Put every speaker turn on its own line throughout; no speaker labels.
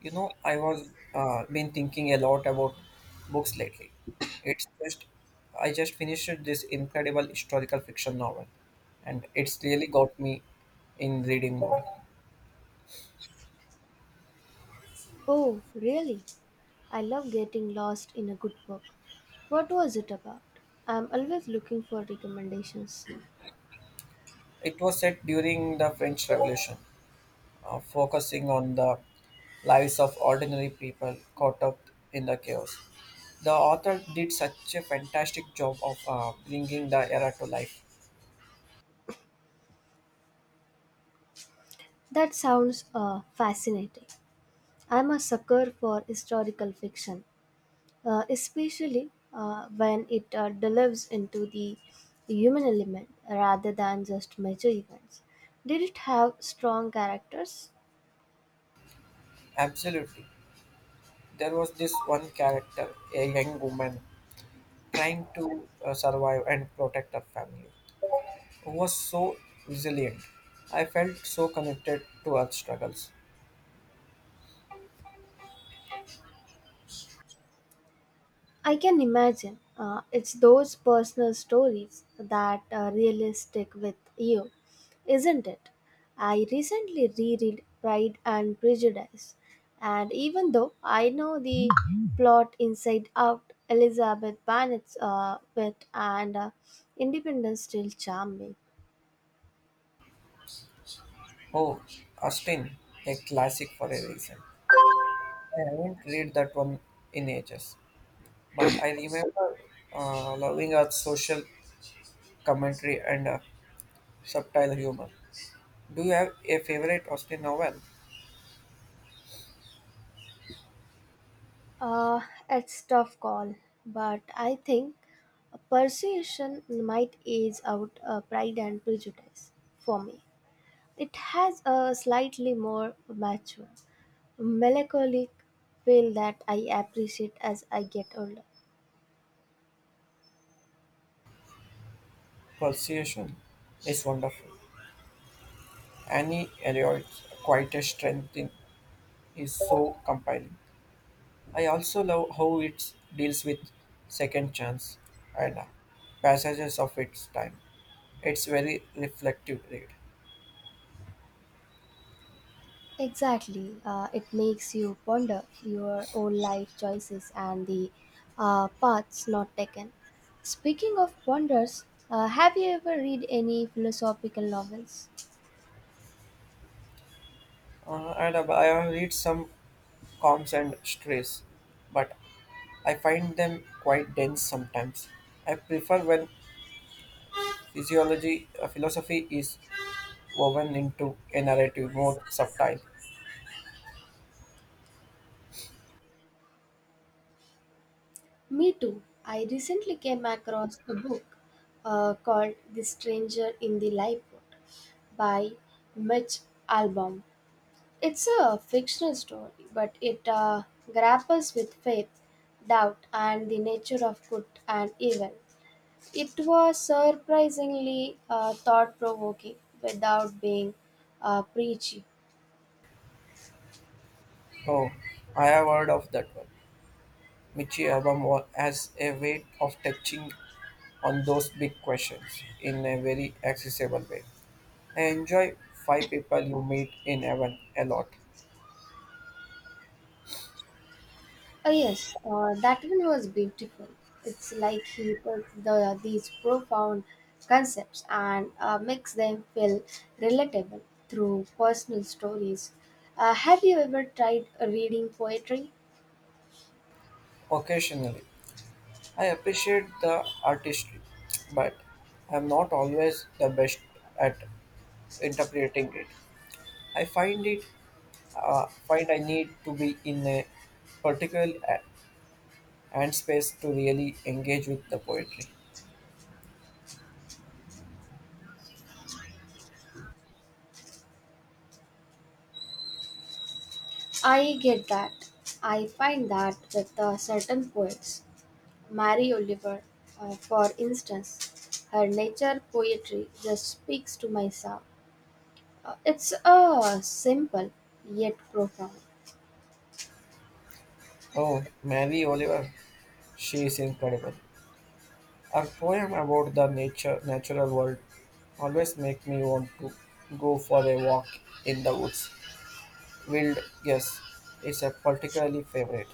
You know, I was been thinking a lot about books lately. It's just I just finished this incredible historical fiction novel, and it's really got me in reading mode.
Oh, really? I love getting lost in a good book. What was it about? I'm always looking for recommendations.
It was set during the French Revolution, focusing on the lives of ordinary people caught up in the chaos. The author did such a fantastic job of bringing the era to life.
That sounds fascinating. I'm a sucker for historical fiction, especially when it delves into the human element rather than just major events. Did it have strong characters?
Absolutely. There was this one character, a young woman trying to survive and protect her family, who was so resilient. I felt so connected to her struggles.
I can imagine. It's those personal stories that really stick with you, isn't it? I recently reread Pride and Prejudice, and even though I know the plot inside out, Elizabeth Bennet's wit and independence still charm me.
Oh, Austin, a classic for a reason. I haven't read that one in ages, but I remember loving her social commentary and subtle humor. Do you have a favorite Austen novel?
Uh, it's tough call, but I think persuasion might age out Pride and Prejudice for me. It has a slightly more mature, melancholic feel that I appreciate as I get older.
Persuasion is wonderful. Annie Elliot's quietest strength in is so compelling. I also love how it deals with second chance and passages of its time. It's very reflective read.
Exactly. It makes you ponder your own life choices and the paths not taken. Speaking of ponders, have you ever read any philosophical novels?
And I have read some calms and stress, but I find them quite dense sometimes. I prefer when philosophy is woven into a narrative more subtle.
Me too. I recently came across a book called The Stranger in the Lifeboat by Mitch Albom. It's a fictional story, but it grapples with faith, doubt, and the nature of good and evil. It was surprisingly thought provoking without being preachy.
Oh, I have heard of that one. Michi Abamo has a way of touching on those big questions in a very accessible way. I enjoy five people you meet in heaven a lot.
Yes, that one was beautiful. It's like he takes these profound concepts and makes them feel relatable through personal stories. Have you ever tried reading poetry?
Occasionally, I appreciate the artistry, but I'm not always the best at interpreting it. I find it find I need to be in a particular a- and space to really engage with the poetry.
I get that. I find that with certain poets. Mary Oliver, for instance, her nature poetry just speaks to my soul. It's simple yet profound.
Oh, Mary Oliver, she is incredible. Her poem about the nature natural world always make me want to go for a walk in the woods. Wild guess is a particularly favorite.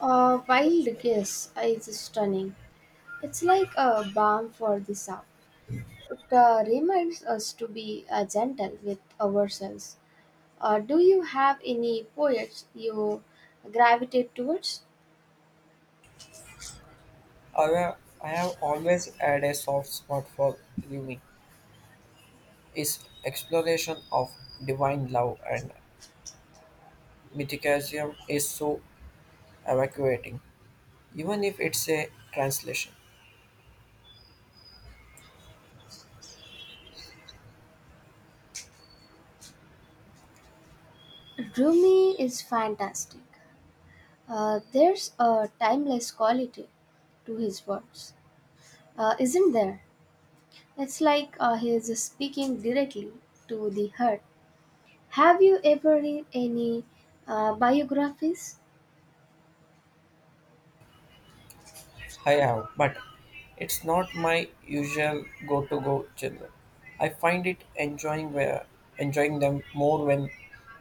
A wild guess is stunning. It's like a balm for the soul. It reminds us to be gentle with ourselves. Do you have any poets you gravitate towards?
However, I have always had a soft spot for Rumi. His exploration of divine love and mythicism is so evacuating, even if it's a translation.
Rumi is fantastic. There's a timeless quality to his words, isn't there? It's like he is speaking directly to the heart. Have you ever read any biographies?
I have, but it's not my usual go-to go genre. I find it enjoying them more when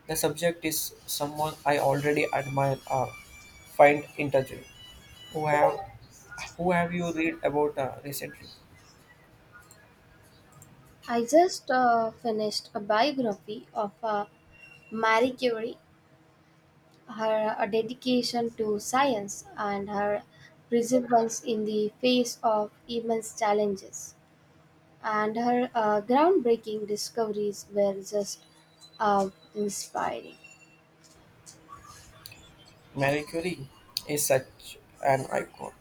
the subject is someone I already admire or find intriguing. Who have who have you read about recently?
I just finished a biography of Marie Curie, her dedication to science, and her perseverance in the face of immense challenges. And her groundbreaking discoveries were just inspiring.
Marie Curie is such an icon.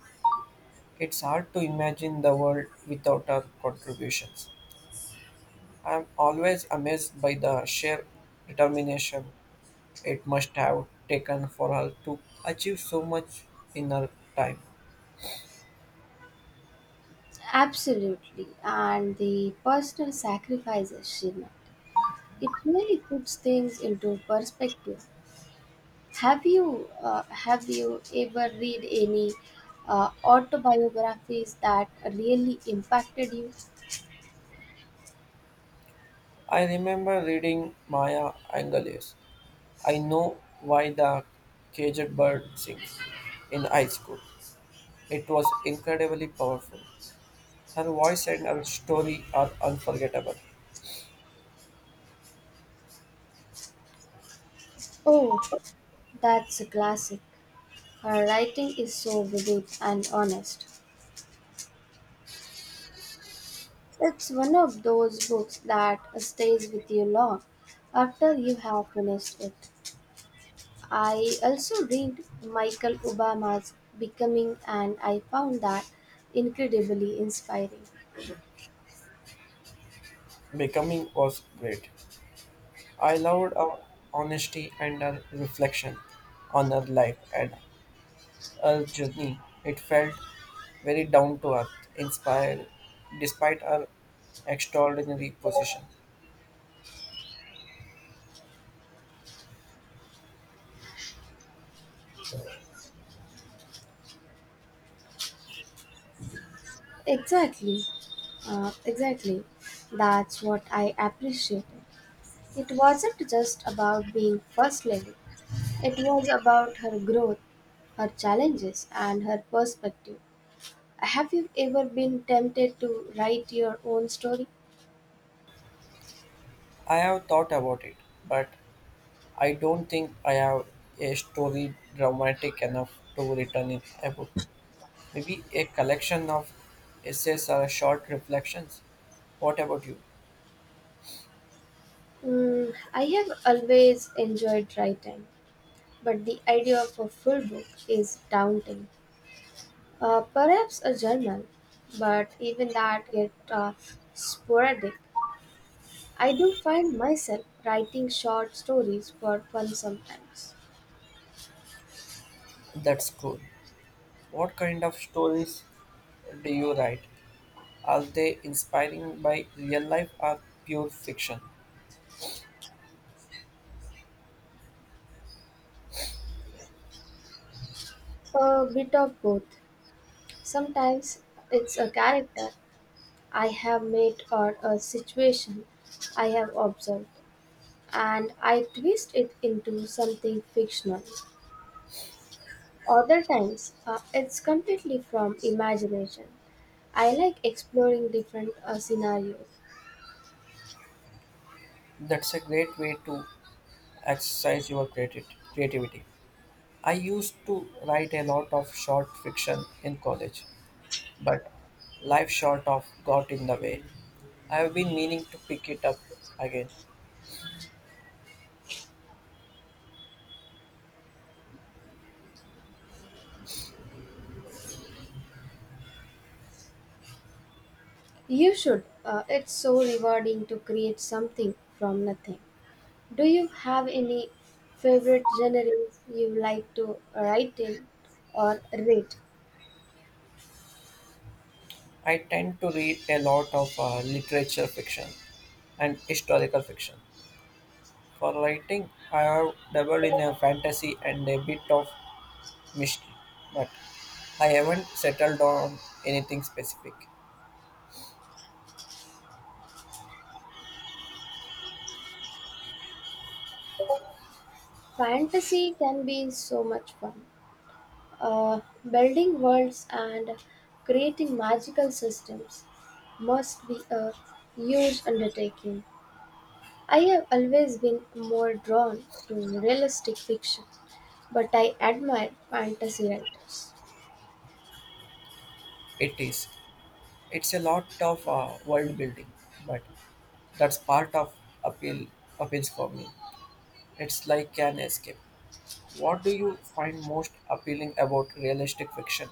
It's hard to imagine the world without her contributions. I'm always amazed by the sheer determination it must have taken for her to achieve so much in her time.
Absolutely, and the personal sacrifices she made. It really puts things into perspective. Have you ever read any autobiographies that really impacted you?
I remember reading Maya Angelou. I know why the caged bird sings in high school. It was incredibly powerful. Her voice and her story are unforgettable.
Oh, that's a classic. Her writing is so vivid and honest. It's one of those books that stays with you long after you have finished it. I also read Michael Obama's Becoming, and I found that incredibly inspiring.
Becoming was great. I loved her honesty and her reflection on her life and a journey. It felt very down to earth, inspired despite our extraordinary position.
Exactly, exactly. That's what I appreciate. It wasn't just about being First Lady, it was about her growth, her challenges, and her perspective. Have you ever been tempted to write your own story?
I have thought about it, but I don't think I have a story dramatic enough to return in a book. Maybe a collection of essays or short reflections. What about you?
Mm, I have always enjoyed writing, but the idea of a full book is daunting. Perhaps a journal, but even that gets sporadic. I do find myself writing short stories for fun sometimes.
That's cool. What kind of stories do you write? Are they inspiring by real life or pure fiction?
A bit of both. Sometimes it's a character I have made or a situation I have observed, and I twist it into something fictional. Other times, it's completely from imagination. I like exploring different scenarios.
That's a great way to exercise your creati- creativity. I used to write a lot of short fiction in college, but life short of got in the way. I have been meaning to pick it up again.
You should. It's so rewarding to create something from nothing. Do you have any favorite genres you like to write in or read?
I tend to read a lot of literature fiction and historical fiction. For writing, I have dabbled in a fantasy and a bit of mystery, but I haven't settled on anything specific.
Fantasy can be so much fun. Uh, Building worlds and creating magical systems must be a huge undertaking. I have always been more drawn to realistic fiction, but I admire fantasy writers.
It is. It's a lot of world building, but that's part of appeal appeals for me. It's like an escape. What do you find most appealing about realistic fiction?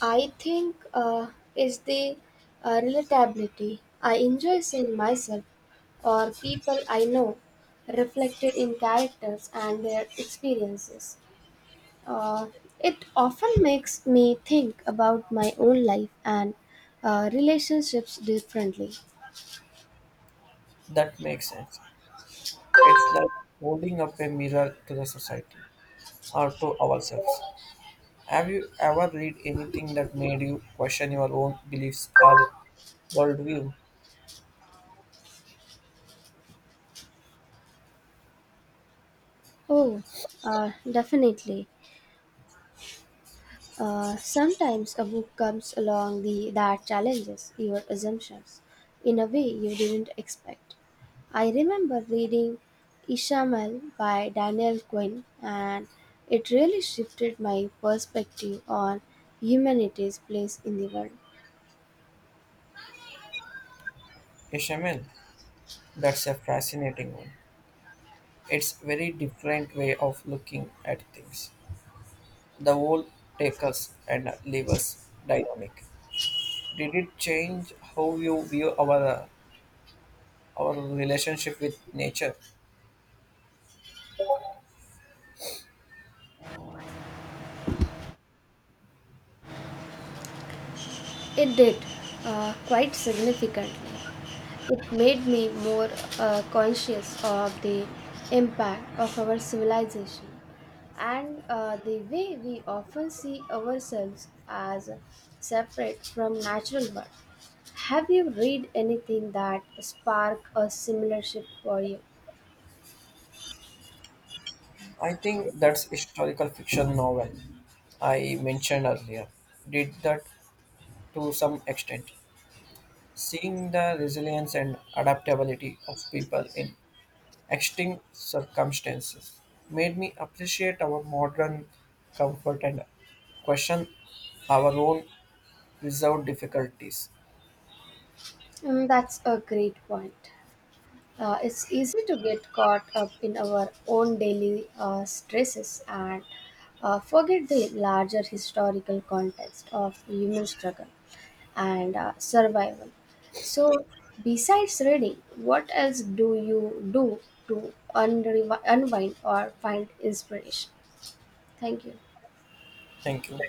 I think is the relatability I enjoy seeing myself or people I know reflected in characters and their experiences. Uh, it often makes me think about my own life and relationships differently.
That makes sense. It's like holding up a mirror to the society or to ourselves. Have you ever read anything that made you question your own beliefs or worldview?
Oh, definitely. Sometimes a book comes along that challenges your assumptions in a way you didn't expect. I remember reading Ishamel by Daniel Quinn, and it really shifted my perspective on humanity's place in the world.
Ishamel, that's a fascinating one. It's very different way of looking at things. The whole take us and leave us dynamic. Did it change how you view our relationship with nature?
It did, quite significantly. It made me more conscious of the impact of our civilization and the way we often see ourselves as separate from natural world. Have you read anything that sparked a similar shift for you?
I think that's historical fiction novel I mentioned earlier. Did that to some extent. Seeing the resilience and adaptability of people in extreme circumstances made me appreciate our modern comfort and question our own reserved difficulties.
Mm, that's a great point. It's easy to get caught up in our own daily stresses and forget the larger historical context of human struggle and survival. So, besides reading, what else do you do to unwind or find inspiration? Thank you.
Thank you.